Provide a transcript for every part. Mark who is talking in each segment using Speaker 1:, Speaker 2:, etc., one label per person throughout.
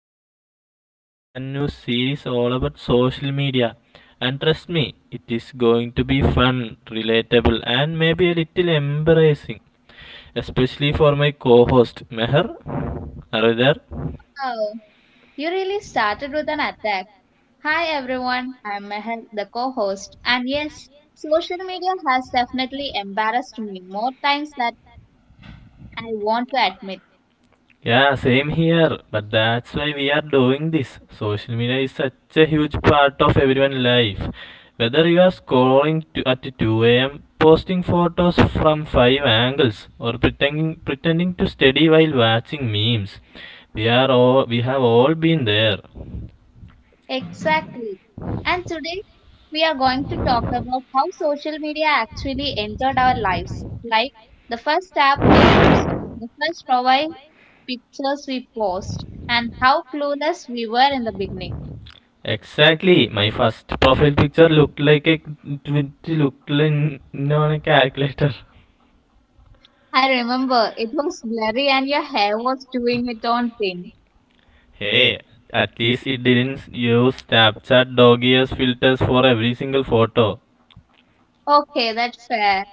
Speaker 1: we are starting a brand new series all about social media. And trust me, it is going to be fun, relatable, and maybe a little embarrassing, especially for my co host Meher. Are you there?
Speaker 2: Wow, you really started with an attack. Hi everyone, I'm Mehel, the co host. And yes, social media has definitely embarrassed me more times than I want to admit.
Speaker 1: Yeah, same here. But that's why we are doing this. Social media is such a huge part of everyone's life. Whether you are scrolling to, at 2 a.m., posting photos from five angles, or pretending to study while watching memes, we have all been there.
Speaker 2: Exactly. And today, we are going to talk about how social media actually entered our lives like the first app we used, the first profile pictures we post, and how clueless we were in the beginning.
Speaker 1: Exactly. My first profile picture looked like it looked like on a calculator.
Speaker 2: I remember it was blurry and your hair was doing its own thing.
Speaker 1: Hey, at least it didn't use Snapchat dog ears filters for every single photo.
Speaker 2: Okay, that's fair.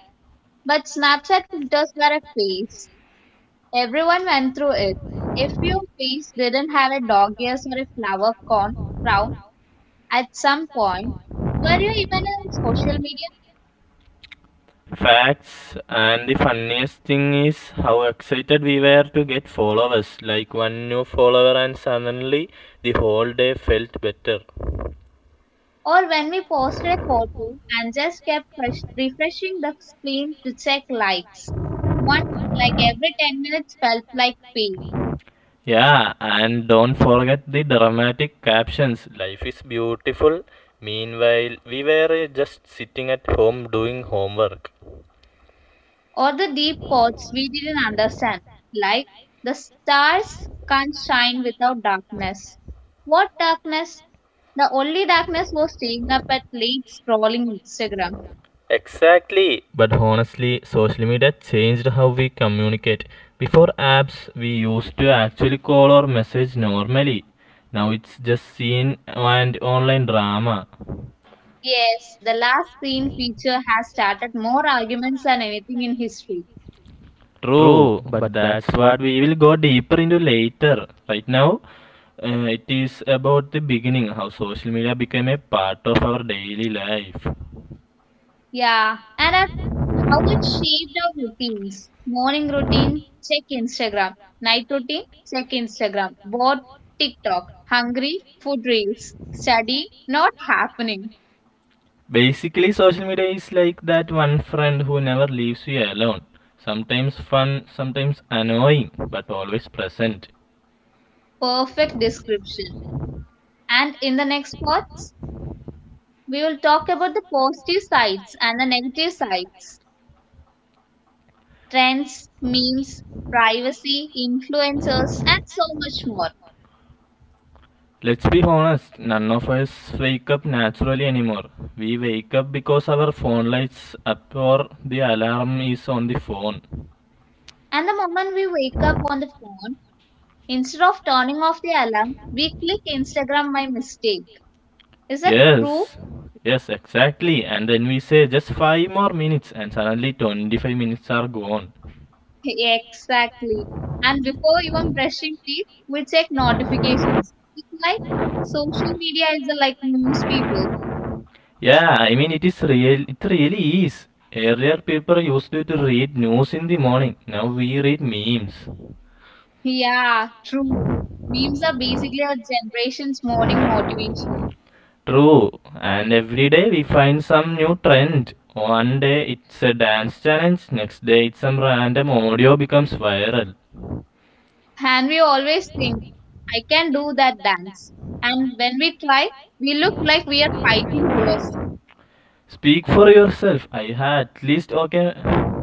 Speaker 2: But Snapchat filters were a phase. Everyone went through it. If your face didn't have a dog ears or a flower con crown at some point, were you even on social media?
Speaker 1: Facts, and the funniest thing is how excited we were to get followers. Like one new follower, and suddenly the whole day felt better.
Speaker 2: Or when we posted a photo and just kept refreshing the screen to check likes? One, like every 10 minutes felt like pain.
Speaker 1: Yeah, and don't forget the dramatic captions. Life is beautiful. Meanwhile, we were just sitting at home doing homework.
Speaker 2: Or the deep chords we didn't understand, like the stars can't shine without darkness. What darkness? The only darkness was staying up at late scrolling Instagram.
Speaker 1: Exactly, but honestly, social media changed how we communicate. Before apps, we used to actually call or message normally. Now it's just seen and online drama.
Speaker 2: Yes, the last screen feature has started more arguments than anything in history.
Speaker 1: True, but that's what we will go deeper into later. Right now, it is about the beginning how social media became a part of our daily life.
Speaker 2: Yeah, and at how it shaped our routines. Morning routine, check Instagram. Night routine, check Instagram. Bored, TikTok. Hungry, food reels. Study, not happening.
Speaker 1: Basically, social media is like that one friend who never leaves you alone. Sometimes fun, sometimes annoying, but always present.
Speaker 2: Perfect description. And in the next parts, we will talk about the positive sides and the negative sides, trends, memes, privacy, influencers, and so much more.
Speaker 1: Let's be honest, none of us wake up naturally anymore. We wake up because our phone lights up or the alarm is on the phone.
Speaker 2: And the moment we wake up on the phone, instead of turning off the alarm, we click Instagram by mistake. Is that true?
Speaker 1: Yes, yes, exactly. And then we say just 5 more minutes, and suddenly 25 minutes are gone.
Speaker 2: Exactly. And before even brushing teeth, we check notifications. It's like social media is like news people.
Speaker 1: Yeah, I mean it is real. It really is. Earlier, people used to read news in the morning. Now we read memes.
Speaker 2: Yeah, true. Memes are basically our generation's morning motivation.
Speaker 1: True. And every day we find some new trend. One day it's a dance challenge. Next day it's some random audio becomes viral.
Speaker 2: And we always think, I can do that dance. And when we try, we look like we are fighting ghosts.
Speaker 1: Speak for yourself. I had at least okay.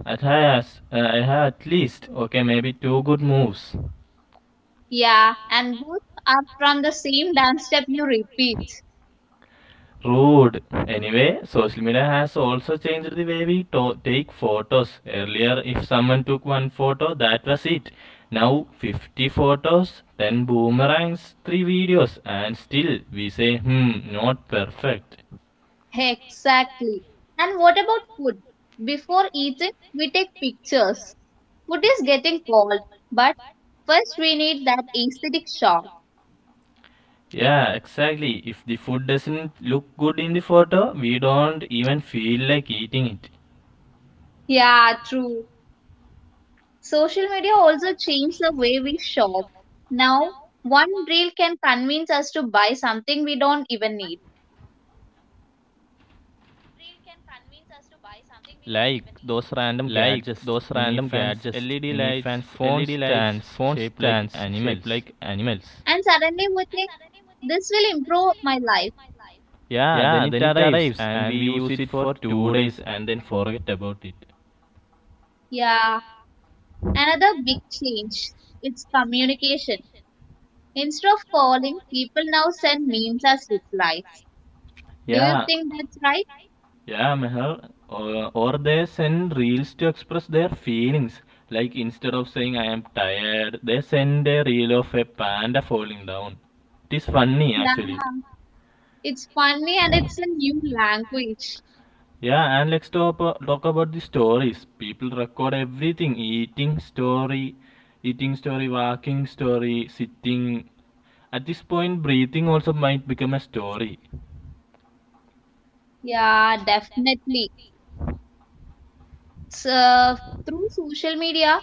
Speaker 1: I have at least okay maybe two good moves.
Speaker 2: Yeah, and both are from the same dance step you repeat.
Speaker 1: Rude. Anyway, social media has also changed the way we take photos. Earlier, if someone took one photo, that was it. Now, 50 photos, 10 boomerangs, 3 videos, and still we say, hmm, not perfect.
Speaker 2: Exactly. And what about food? Before eating, we take pictures. Food is getting cold, but first we need that aesthetic shock.
Speaker 1: Yeah, exactly. If the food doesn't look good in the photo, we don't even feel like eating it.
Speaker 2: Yeah, true. Social media also changed the way we shop. Now, one reel can convince us to buy something we don't even need.
Speaker 1: Like those random gadgets, mini fans, LED lights, phone stands shaped like animals.
Speaker 2: And suddenly we think, this will improve my life.
Speaker 1: Yeah, then it arrives and we use it for 2 days and then forget about it.
Speaker 2: Yeah, another big change. It's communication. Instead of calling, people now send memes as replies. Do you
Speaker 1: Yeah,
Speaker 2: think that's right?
Speaker 1: yeah, Meher. Or they send reels to express their feelings. Like instead of saying I am tired, they send a reel of a panda falling down. It is funny actually.
Speaker 2: Yeah, it's funny and it's a new language.
Speaker 1: Yeah, and let's talk about the stories. People record everything eating story, walking story, sitting. At this point, breathing also might become a story.
Speaker 2: Yeah, definitely. So, through social media,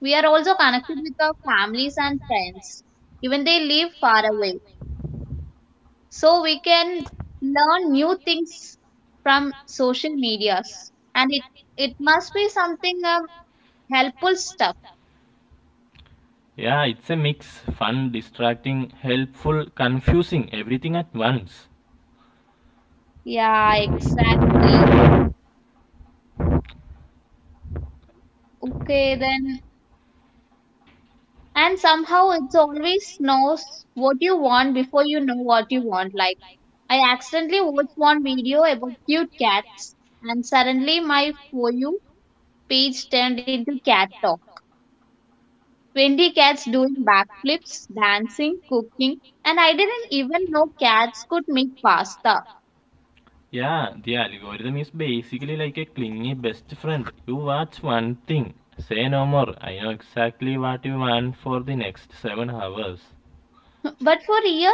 Speaker 2: we are also connected with our families and friends, even they live far away. So we can learn new things from social medias, and it must be something helpful stuff.
Speaker 1: Yeah, it's a mix fun, distracting, helpful, confusing, everything at once.
Speaker 2: Yeah, exactly. Okay, then. And somehow it's always knows what you want before you know what you want. Like I accidentally watched one video about cute cats, and suddenly my for you page turned into cat talk 20 cats doing backflips, dancing, cooking, and I didn't even know cats could make pasta.
Speaker 1: Yeah, the algorithm is basically like a clingy best friend. You watch one thing, say no more. I know exactly what you want for the next 7 hours.
Speaker 2: But for a year,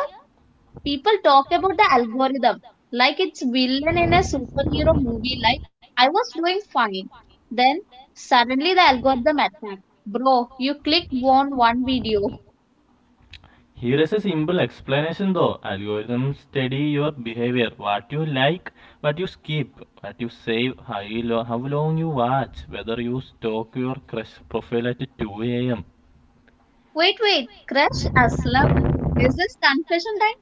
Speaker 2: people talk about the algorithm like it's villain in a superhero movie. Like I was doing fine, then suddenly the algorithm attacked. Bro, you clicked on one video.
Speaker 1: Here is a simple explanation though. Algorithms study your behavior, what you like, what you skip, what you save, how long you watch, whether you stalk your crush profile at 2 a.m.
Speaker 2: Wait, wait, crush Aslam. Is this confession time?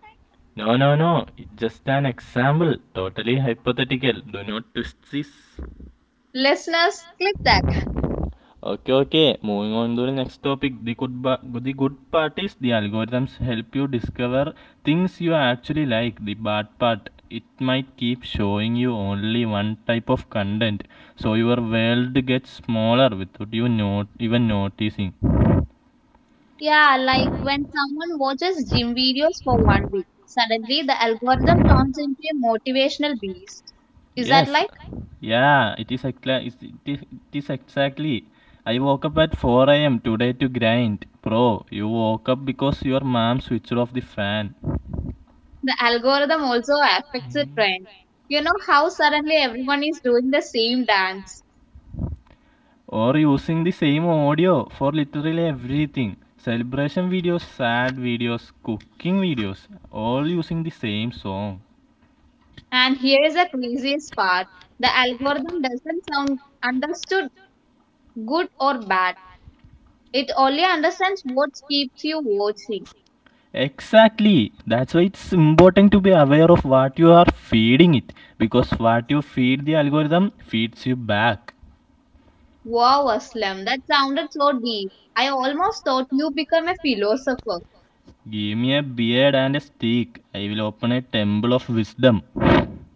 Speaker 1: No, no, no. It's just an example. Totally hypothetical. Do not twist this.
Speaker 2: Listeners, click that.
Speaker 1: Okay, okay. Moving on to the next topic. The good part is the algorithms help you discover things you actually like. The bad part, it might keep showing you only one type of content. So your world gets smaller without you not even noticing.
Speaker 2: Yeah, like when someone watches gym videos for one week, suddenly the algorithm turns into a motivational beast. Is that
Speaker 1: Yes.
Speaker 2: like
Speaker 1: Yeah, it is exactly. I woke up at 4 a.m. today to grind. Bro, you woke up because your mom switched off the fan.
Speaker 2: the algorithm also affects the trend? You know how suddenly everyone is doing the same dance.
Speaker 1: Or using the same audio for literally everything. Celebration videos, sad videos, cooking videos, all using the same song.
Speaker 2: And here is the craziest part. The algorithm doesn't sound understood good or bad. It only understands what keeps you watching.
Speaker 1: Exactly. That's why it's important to be aware of what you are feeding it because what you feed the algorithm feeds you back.
Speaker 2: Wow, Aslam, that sounded so deep. I almost thought you become a philosopher.
Speaker 1: Give me a beard and a stick. I will open a temple of wisdom.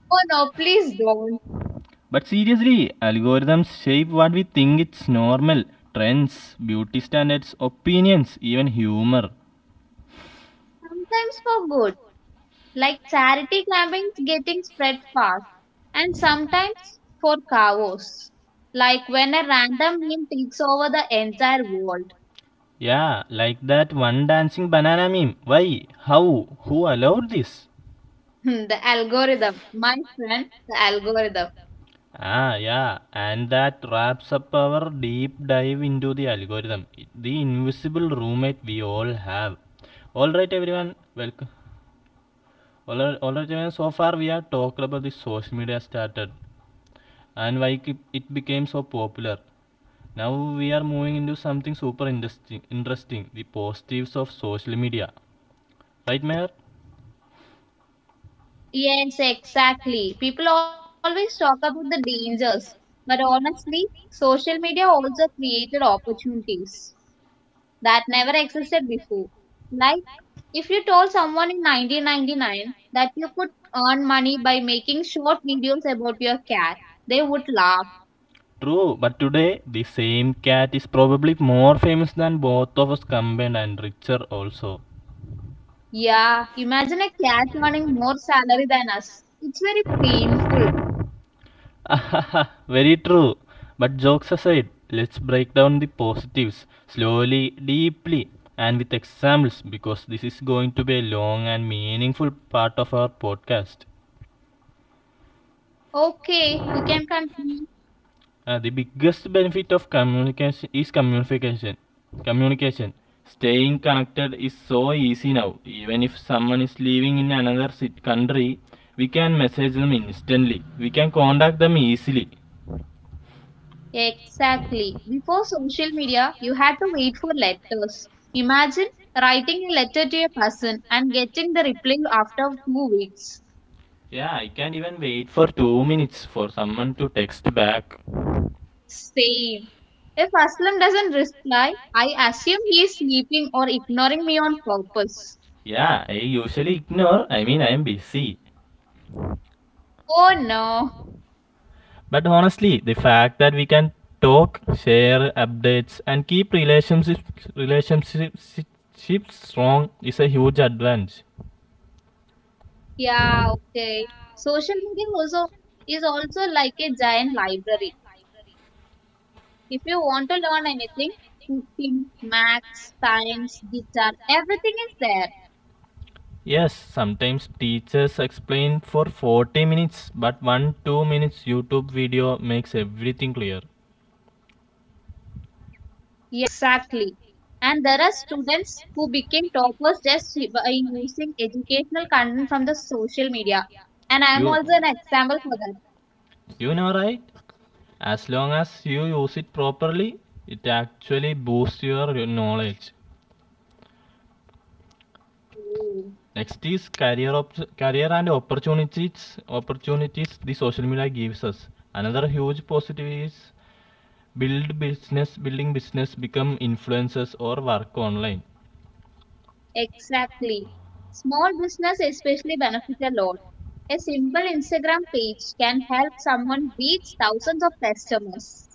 Speaker 2: Oh no, please don't.
Speaker 1: But seriously, algorithms shape what we think it's normal trends, beauty standards, opinions, even humor.
Speaker 2: Sometimes for good, like charity campaigns getting spread fast, and sometimes for chaos, like when a random meme takes over the entire world.
Speaker 1: Yeah, like that one dancing banana meme. Why? How? Who allowed this?
Speaker 2: The algorithm, my friend, the algorithm.
Speaker 1: Ah, yeah, and that wraps up our deep dive into the algorithm, the invisible roommate we all have. All right, everyone, welcome. Already, man, so far we have talked about the social media started and why it became so popular. Now we are moving into something super interesting, the positives of social media. Right, Mayor?
Speaker 2: Yes, exactly. People always talk about the dangers, but honestly, social media also created opportunities that never existed before. Like if you told someone in 1999 that you could earn money by making short videos about your cat, they would laugh.
Speaker 1: True, but today the same cat is probably more famous than both of us combined and richer also.
Speaker 2: Yeah, imagine a cat earning more salary than us. It's very painful.
Speaker 1: Very true. But jokes aside, let's break down the positives slowly, deeply, and with examples because this is going to be a long and meaningful part of our podcast.
Speaker 2: Okay, we can continue.
Speaker 1: The biggest benefit of communication is communication. Communication. Staying connected is so easy now. Even if someone is living in another country, we can message them instantly. We can contact them easily.
Speaker 2: Exactly. Before social media, you had to wait for letters. Imagine writing a letter to a person and getting the reply after 2 weeks.
Speaker 1: Yeah, I can't even wait for 2 minutes for someone to text back.
Speaker 2: Same. If Aslam doesn't reply, I assume he is sleeping or ignoring me on purpose.
Speaker 1: Yeah, I usually ignore, I mean, I am busy.
Speaker 2: Oh no.
Speaker 1: But honestly, the fact that we can talk, share updates, and keep relationships strong is a huge advantage.
Speaker 2: Yeah, okay. Social media also is also like a giant library. If you want to learn anything, cooking, maths, science, guitar, everything is there.
Speaker 1: Yes, sometimes teachers explain for 40 minutes, but one 2 minutes YouTube video makes everything clear.
Speaker 2: Yeah, exactly. And there are students who became toppers just by using educational content from the social media. And I am also
Speaker 1: You,
Speaker 2: an example for that.
Speaker 1: you know, right? As long as you use it properly, it actually boosts your knowledge.
Speaker 2: Oh,
Speaker 1: Next is career and opportunities, the social media gives us. Another huge positive is building business, become influencers or work online.
Speaker 2: exactly. Small business especially benefit a lot. A simple Instagram page can help someone reach thousands of customers.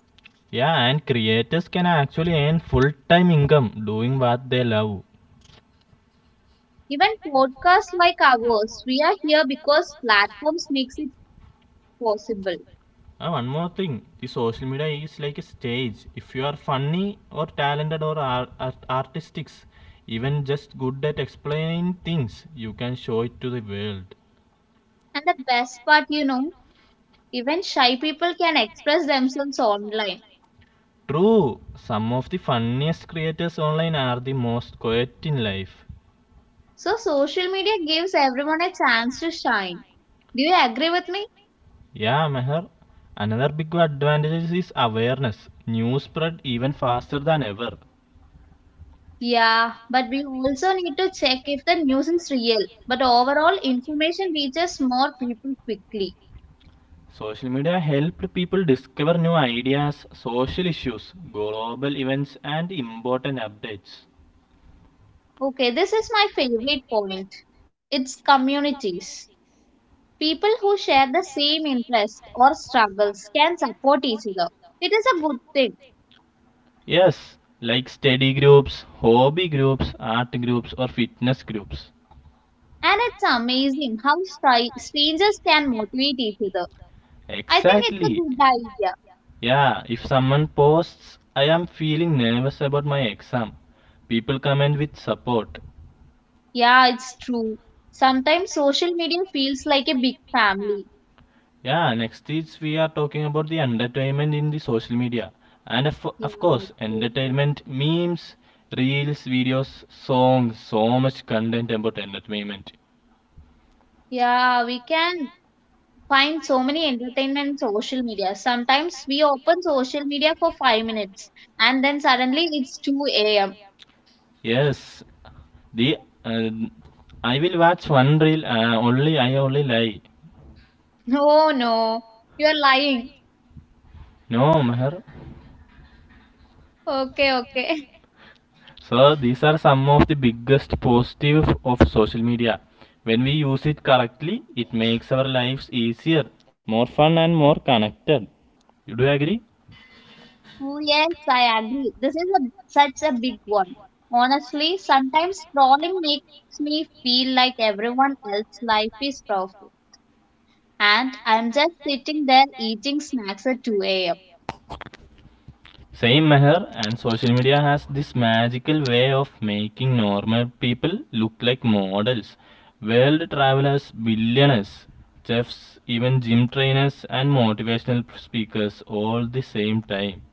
Speaker 1: Yeah, and creators can actually earn full time income doing what they love.
Speaker 2: Even podcasts like ours, we are here because platforms makes it possible.
Speaker 1: One more thing, the social media is like a stage. If you are funny or talented or artistic, even just good at explaining things, you can show it to the world.
Speaker 2: And the best part, even shy people can express themselves online.
Speaker 1: True, some of the funniest creators online are the most quiet in life.
Speaker 2: So social media gives everyone a chance to shine. Do you agree with me?
Speaker 1: Yeah, Meher. Another big advantage is awareness. News spread even faster than ever.
Speaker 2: Yeah, but we also need to check if the news is real. But overall, information reaches more people quickly.
Speaker 1: Social media helped people discover new ideas, social issues, global events, and important updates.
Speaker 2: Okay, this is my favorite point. It's communities. People who share the same interests or struggles can support each other. It is a good thing.
Speaker 1: Yes, like study groups, hobby groups, art groups, or fitness groups.
Speaker 2: And it's amazing how strangers can motivate each other. I think it's a
Speaker 1: Exactly.
Speaker 2: good idea.
Speaker 1: Yeah, if someone posts, I am feeling nervous about my exam. People comment with support.
Speaker 2: Yeah, it's true. Sometimes social media feels like a big family.
Speaker 1: Yeah, next is we are talking about the entertainment in the social media. And of, of
Speaker 2: Yeah,
Speaker 1: course,
Speaker 2: okay.
Speaker 1: entertainment memes, reels, videos, songs, so much content about entertainment.
Speaker 2: Yeah, we can find so many entertainment in social media. Sometimes we open social media for 5 minutes and then suddenly it's 2 a.m.
Speaker 1: Yes, The uh, I will watch one reel. Only I only lie.
Speaker 2: Oh no, you're lying.
Speaker 1: No, Meher.
Speaker 2: Okay, okay.
Speaker 1: So these are some of the biggest positive of social media. When we use it correctly, it makes our lives easier, more fun, and more connected. You do you agree?
Speaker 2: Oh, yes, I agree. This is such a big one. Honestly, sometimes scrolling makes me feel like everyone else's life is perfect and I'm just sitting there eating snacks at 2 a.m.
Speaker 1: Same Meher, and social media has this magical way of making normal people look like models. World travelers, billionaires, chefs, even gym trainers and motivational speakers all the same time.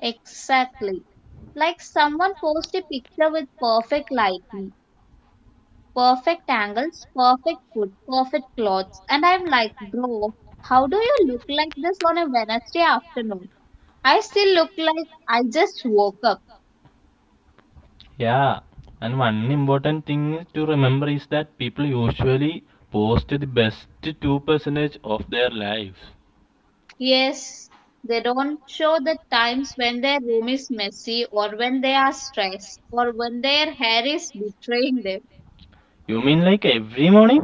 Speaker 2: Exactly. Like someone posted a picture with perfect lighting, perfect angles, perfect food, perfect clothes, and I'm like, bro, how do you look like this on a Wednesday afternoon? I still look like I just woke up.
Speaker 1: Yeah, and one important thing to remember is that people usually post the best 2% of their lives.
Speaker 2: Yes, they don't show the times when their room is messy or when they are stressed or when their hair is betraying them.
Speaker 1: You mean like every morning?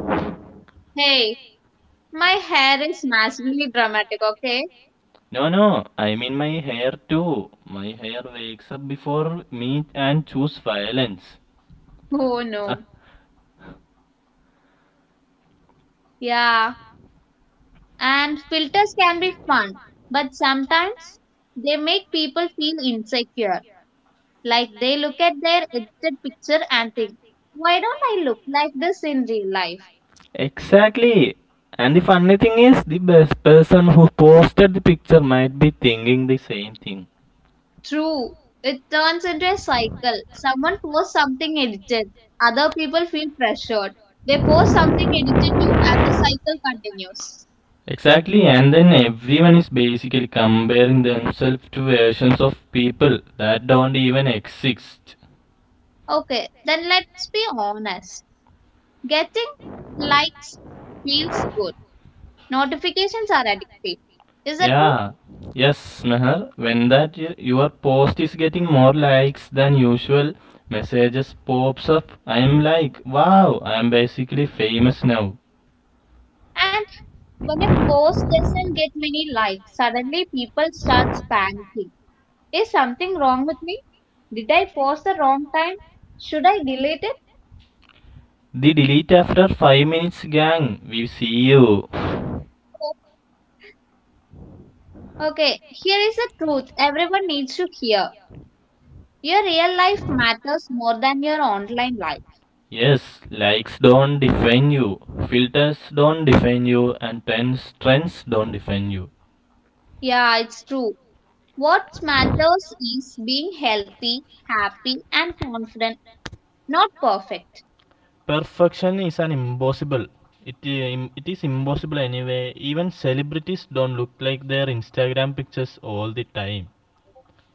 Speaker 2: Hey, my hair is massively dramatic, okay?
Speaker 1: No, no, I mean my hair too. My hair wakes up before me and choose violence.
Speaker 2: Oh no. Yeah. And filters can be fun, but sometimes they make people feel insecure. Like they look at their edited picture and think, why don't I look like this in real life?
Speaker 1: Exactly. And the funny thing is, the best person who posted the picture might be thinking the same thing.
Speaker 2: True, it turns into a cycle. Someone posts something edited, other people feel pressured. They post something edited too, and the cycle continues.
Speaker 1: Exactly, and then everyone is basically comparing themselves to versions of people that don't even exist.
Speaker 2: Okay, then let's be honest. Getting likes feels good. Notifications are addictive. Is that true?
Speaker 1: Yeah, yes, Meher. When your post is getting more likes than usual, messages pops up. I am like, wow, I am basically famous now.
Speaker 2: And when a post doesn't get many likes, suddenly people start panicking. Is something wrong with me? Did I post the wrong time? Should I delete it?
Speaker 1: The delete after 5 minutes, gang. We see you.
Speaker 2: Okay, here is the truth everyone needs to hear. Your real life matters more than your online life.
Speaker 1: Yes, likes don't define you, filters don't define you, and trends, don't define you.
Speaker 2: Yeah, it's true. What matters is being healthy, happy, and confident, not perfect.
Speaker 1: Perfection is an impossible. It, it is impossible anyway. Even celebrities don't look like their Instagram pictures all the time.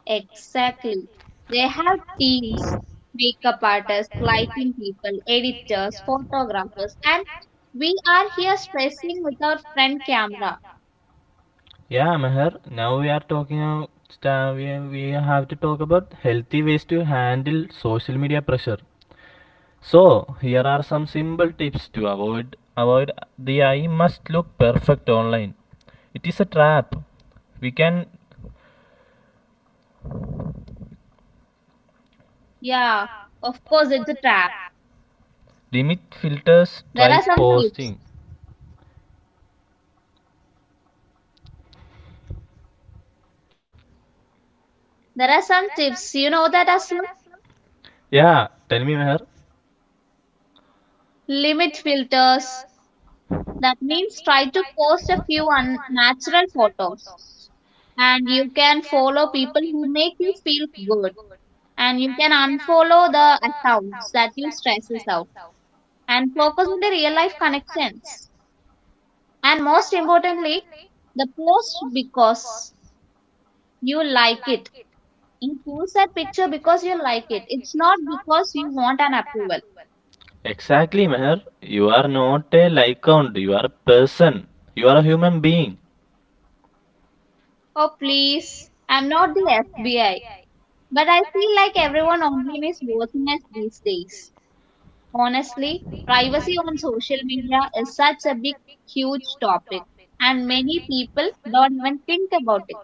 Speaker 2: Exactly. They have teams, makeup artists, lighting people, editors, photographers, and we are here stressing with our friend camera.
Speaker 1: Yeah, Meher, now we are talking about, we have to talk about healthy ways to handle social media pressure. So, here are some simple tips to avoid the I must look perfect online. It is a trap. We can
Speaker 2: Yeah, of course, it's a trap.
Speaker 1: limit
Speaker 2: There
Speaker 1: filters,
Speaker 2: are some
Speaker 1: try
Speaker 2: tips.
Speaker 1: posting.
Speaker 2: There are some tips. You know that, Aslam?
Speaker 1: Yeah, tell me, Meher.
Speaker 2: Limit filters. That means try to post a few unnatural photos. And you can follow people who make you feel good. And you can unfollow the accounts that you stresses out and focus on the real life connections. And most importantly, the post because you like it. You post that picture because you like it. It's not because you want an approval.
Speaker 1: Exactly, Meher. You are not a lycount, you are a person. You are a human being.
Speaker 2: Oh, please, I'm not the FBI. But I feel like everyone online is watching us these days. Honestly, privacy on social media is such a big, huge topic, and many people don't even think about it.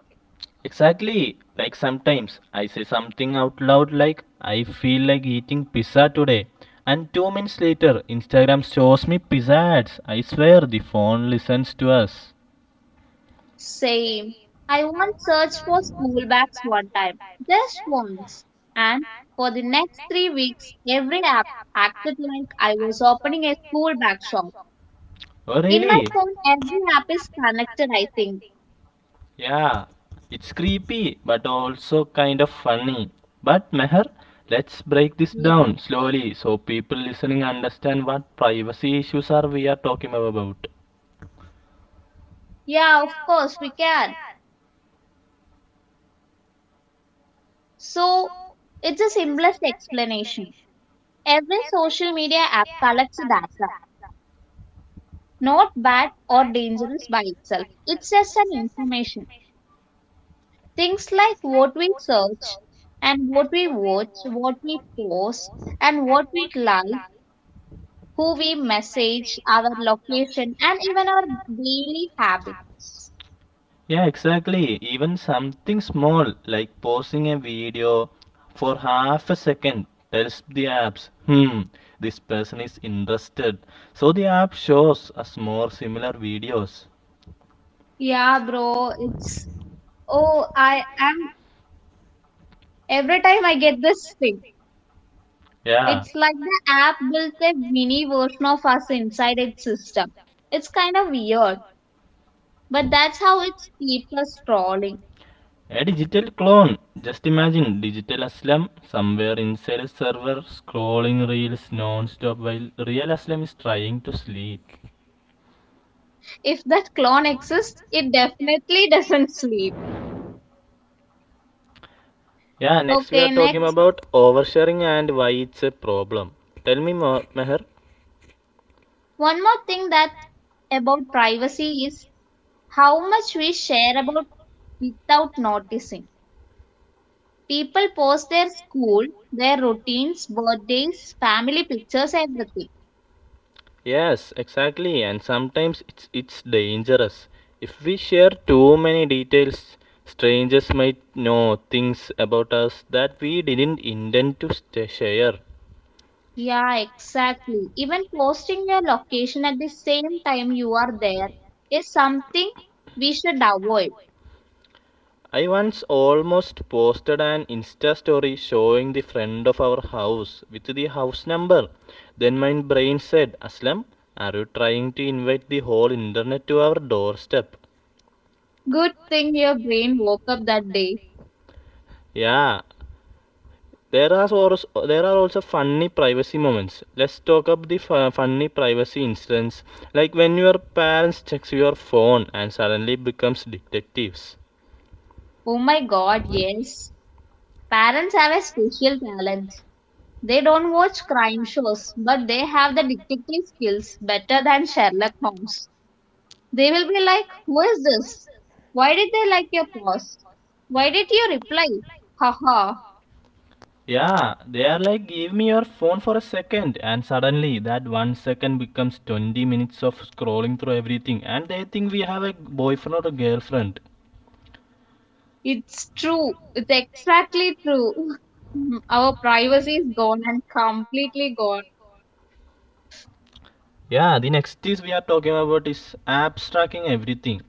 Speaker 1: Exactly. Like sometimes I say something out loud like I feel like eating pizza today. And 2 minutes later, Instagram shows me pizza ads. I swear the phone listens to us.
Speaker 2: Same. I once searched for school bags one time, just once. And for the next 3 weeks, every app acted like I was opening a school bag shop.
Speaker 1: Oh
Speaker 2: In my
Speaker 1: really?
Speaker 2: phone, every app is connected, I think.
Speaker 1: Yeah, it's creepy but also kind of funny. But Meher, let's
Speaker 2: Y-
Speaker 1: break this down slowly so people listening understand what privacy issues are we are talking about.
Speaker 2: Yeah, of course, we can. So, it's the simplest explanation. Every social media app collects data, not bad or dangerous by itself. It's just an information. Things like what we search and what we watch, what we post and what we like, who we message, our location, and even our daily habits.
Speaker 1: Yeah, exactly. Even something small like posting a video for half a second tells the apps, hmm, this person is interested. So the app shows us more similar videos.
Speaker 2: Yeah, bro, it's oh, I am every time I get this thing.
Speaker 1: Yeah.
Speaker 2: It's like the app built a mini version of us inside its system. It's kind of weird, but that's how it keeps us scrolling.
Speaker 1: A digital clone. Just imagine digital Aslam somewhere inside a server scrolling reels non-stop while real Aslam is trying to sleep.
Speaker 2: If that clone exists, it definitely doesn't sleep.
Speaker 1: Yeah,
Speaker 2: Okay,
Speaker 1: next we are
Speaker 2: next.
Speaker 1: talking about oversharing and why it's a problem. Tell me more, Meher.
Speaker 2: One more thing that about privacy is how much we share about without noticing. People post their school, their routines, birthdays, family pictures, everything.
Speaker 1: Yes, exactly, and sometimes it's dangerous. If we share too many details, strangers might know things about us that we didn't intend to share.
Speaker 2: Yeah, exactly. Even posting your location at the same time you are there is something we should avoid.
Speaker 1: I once almost posted an Insta story showing the front of our house with the house number. Then my brain said, Aslam, are you trying to invite the whole internet to our doorstep?
Speaker 2: Good thing your brain woke up that day.
Speaker 1: Yeah, there are also funny privacy moments. Let's talk up the funny privacy incidents, like when your parents checks your phone and suddenly becomes detectives.
Speaker 2: Oh my god, yes. Parents have a special talent. They don't watch crime shows, but they have the detective skills better than Sherlock Holmes. They will be like, who is this? Why did they like your post? Why did you reply? Haha,
Speaker 1: Yeah, they are like, give me your phone for a second, and suddenly that one second becomes 20 minutes of scrolling through everything, and they think we have a boyfriend or a girlfriend.
Speaker 2: it's true. It's exactly true. Our privacy is gone and completely gone.
Speaker 1: Yeah, the next is we are talking about is apps tracking everything.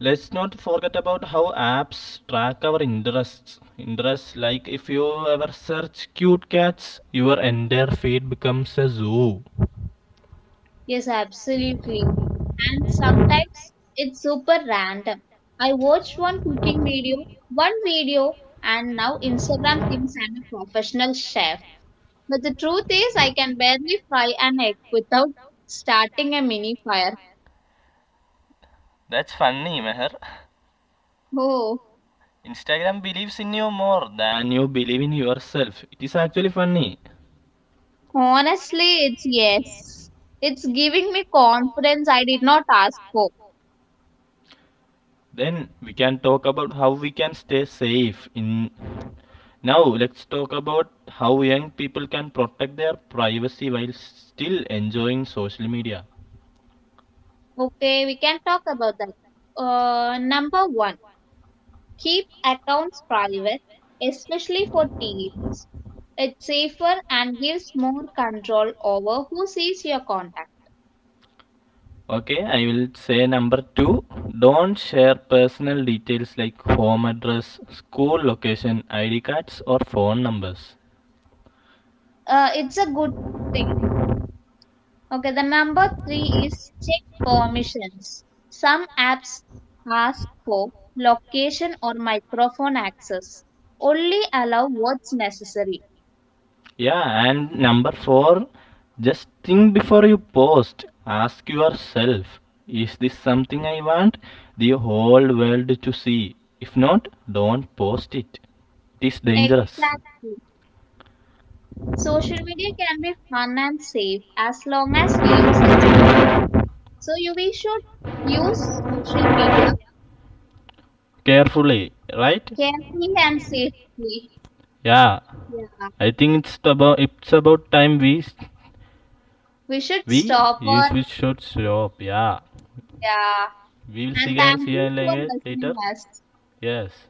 Speaker 1: Let's not forget about how apps track our interests. Interests like if you ever search cute cats, your entire feed becomes a zoo.
Speaker 2: Yes, absolutely. And sometimes it's super random. I watched one cooking video, one video, and now Instagram thinks I'm a professional chef. But the truth is, I can barely fry an egg without starting a mini fire.
Speaker 1: That's funny, Meher.
Speaker 2: Oh,
Speaker 1: Instagram believes in you more than you believe in yourself. It is actually funny.
Speaker 2: honestly, it's yes. It's giving me confidence I did not ask for.
Speaker 1: Then we can talk about how we can stay safe in now let's talk about how young people can protect their privacy while still enjoying social media.
Speaker 2: Okay, we can talk about that. Number one, keep accounts private, especially for teens. It's safer and gives more control over who sees your contact.
Speaker 1: Okay, I will say number 2, don't share personal details like home address, school location, ID cards or phone numbers.
Speaker 2: It's a good thing. Okay, the number three is check permissions. Some apps ask for location or microphone access. Only allow what's necessary.
Speaker 1: Yeah, and number four, just think before you post. Ask yourself, is this something I want the whole world to see? If not, don't post it. It is dangerous.
Speaker 2: Exactly. Social media can be fun and safe as long as we use it smartly. So you we should use social media
Speaker 1: Carefully, right?
Speaker 2: carefully and safely.
Speaker 1: Yeah,
Speaker 2: Yeah.
Speaker 1: I think it's about time we s-
Speaker 2: We should
Speaker 1: we
Speaker 2: stop
Speaker 1: you
Speaker 2: or
Speaker 1: we should stop. Yeah,
Speaker 2: yeah.
Speaker 1: we will
Speaker 2: And thank
Speaker 1: see you
Speaker 2: you for
Speaker 1: later.
Speaker 2: listening us.
Speaker 1: Yes.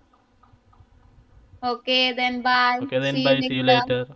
Speaker 2: Okay, then bye.
Speaker 1: Okay, then
Speaker 2: See you
Speaker 1: bye. See you
Speaker 2: later.
Speaker 1: later.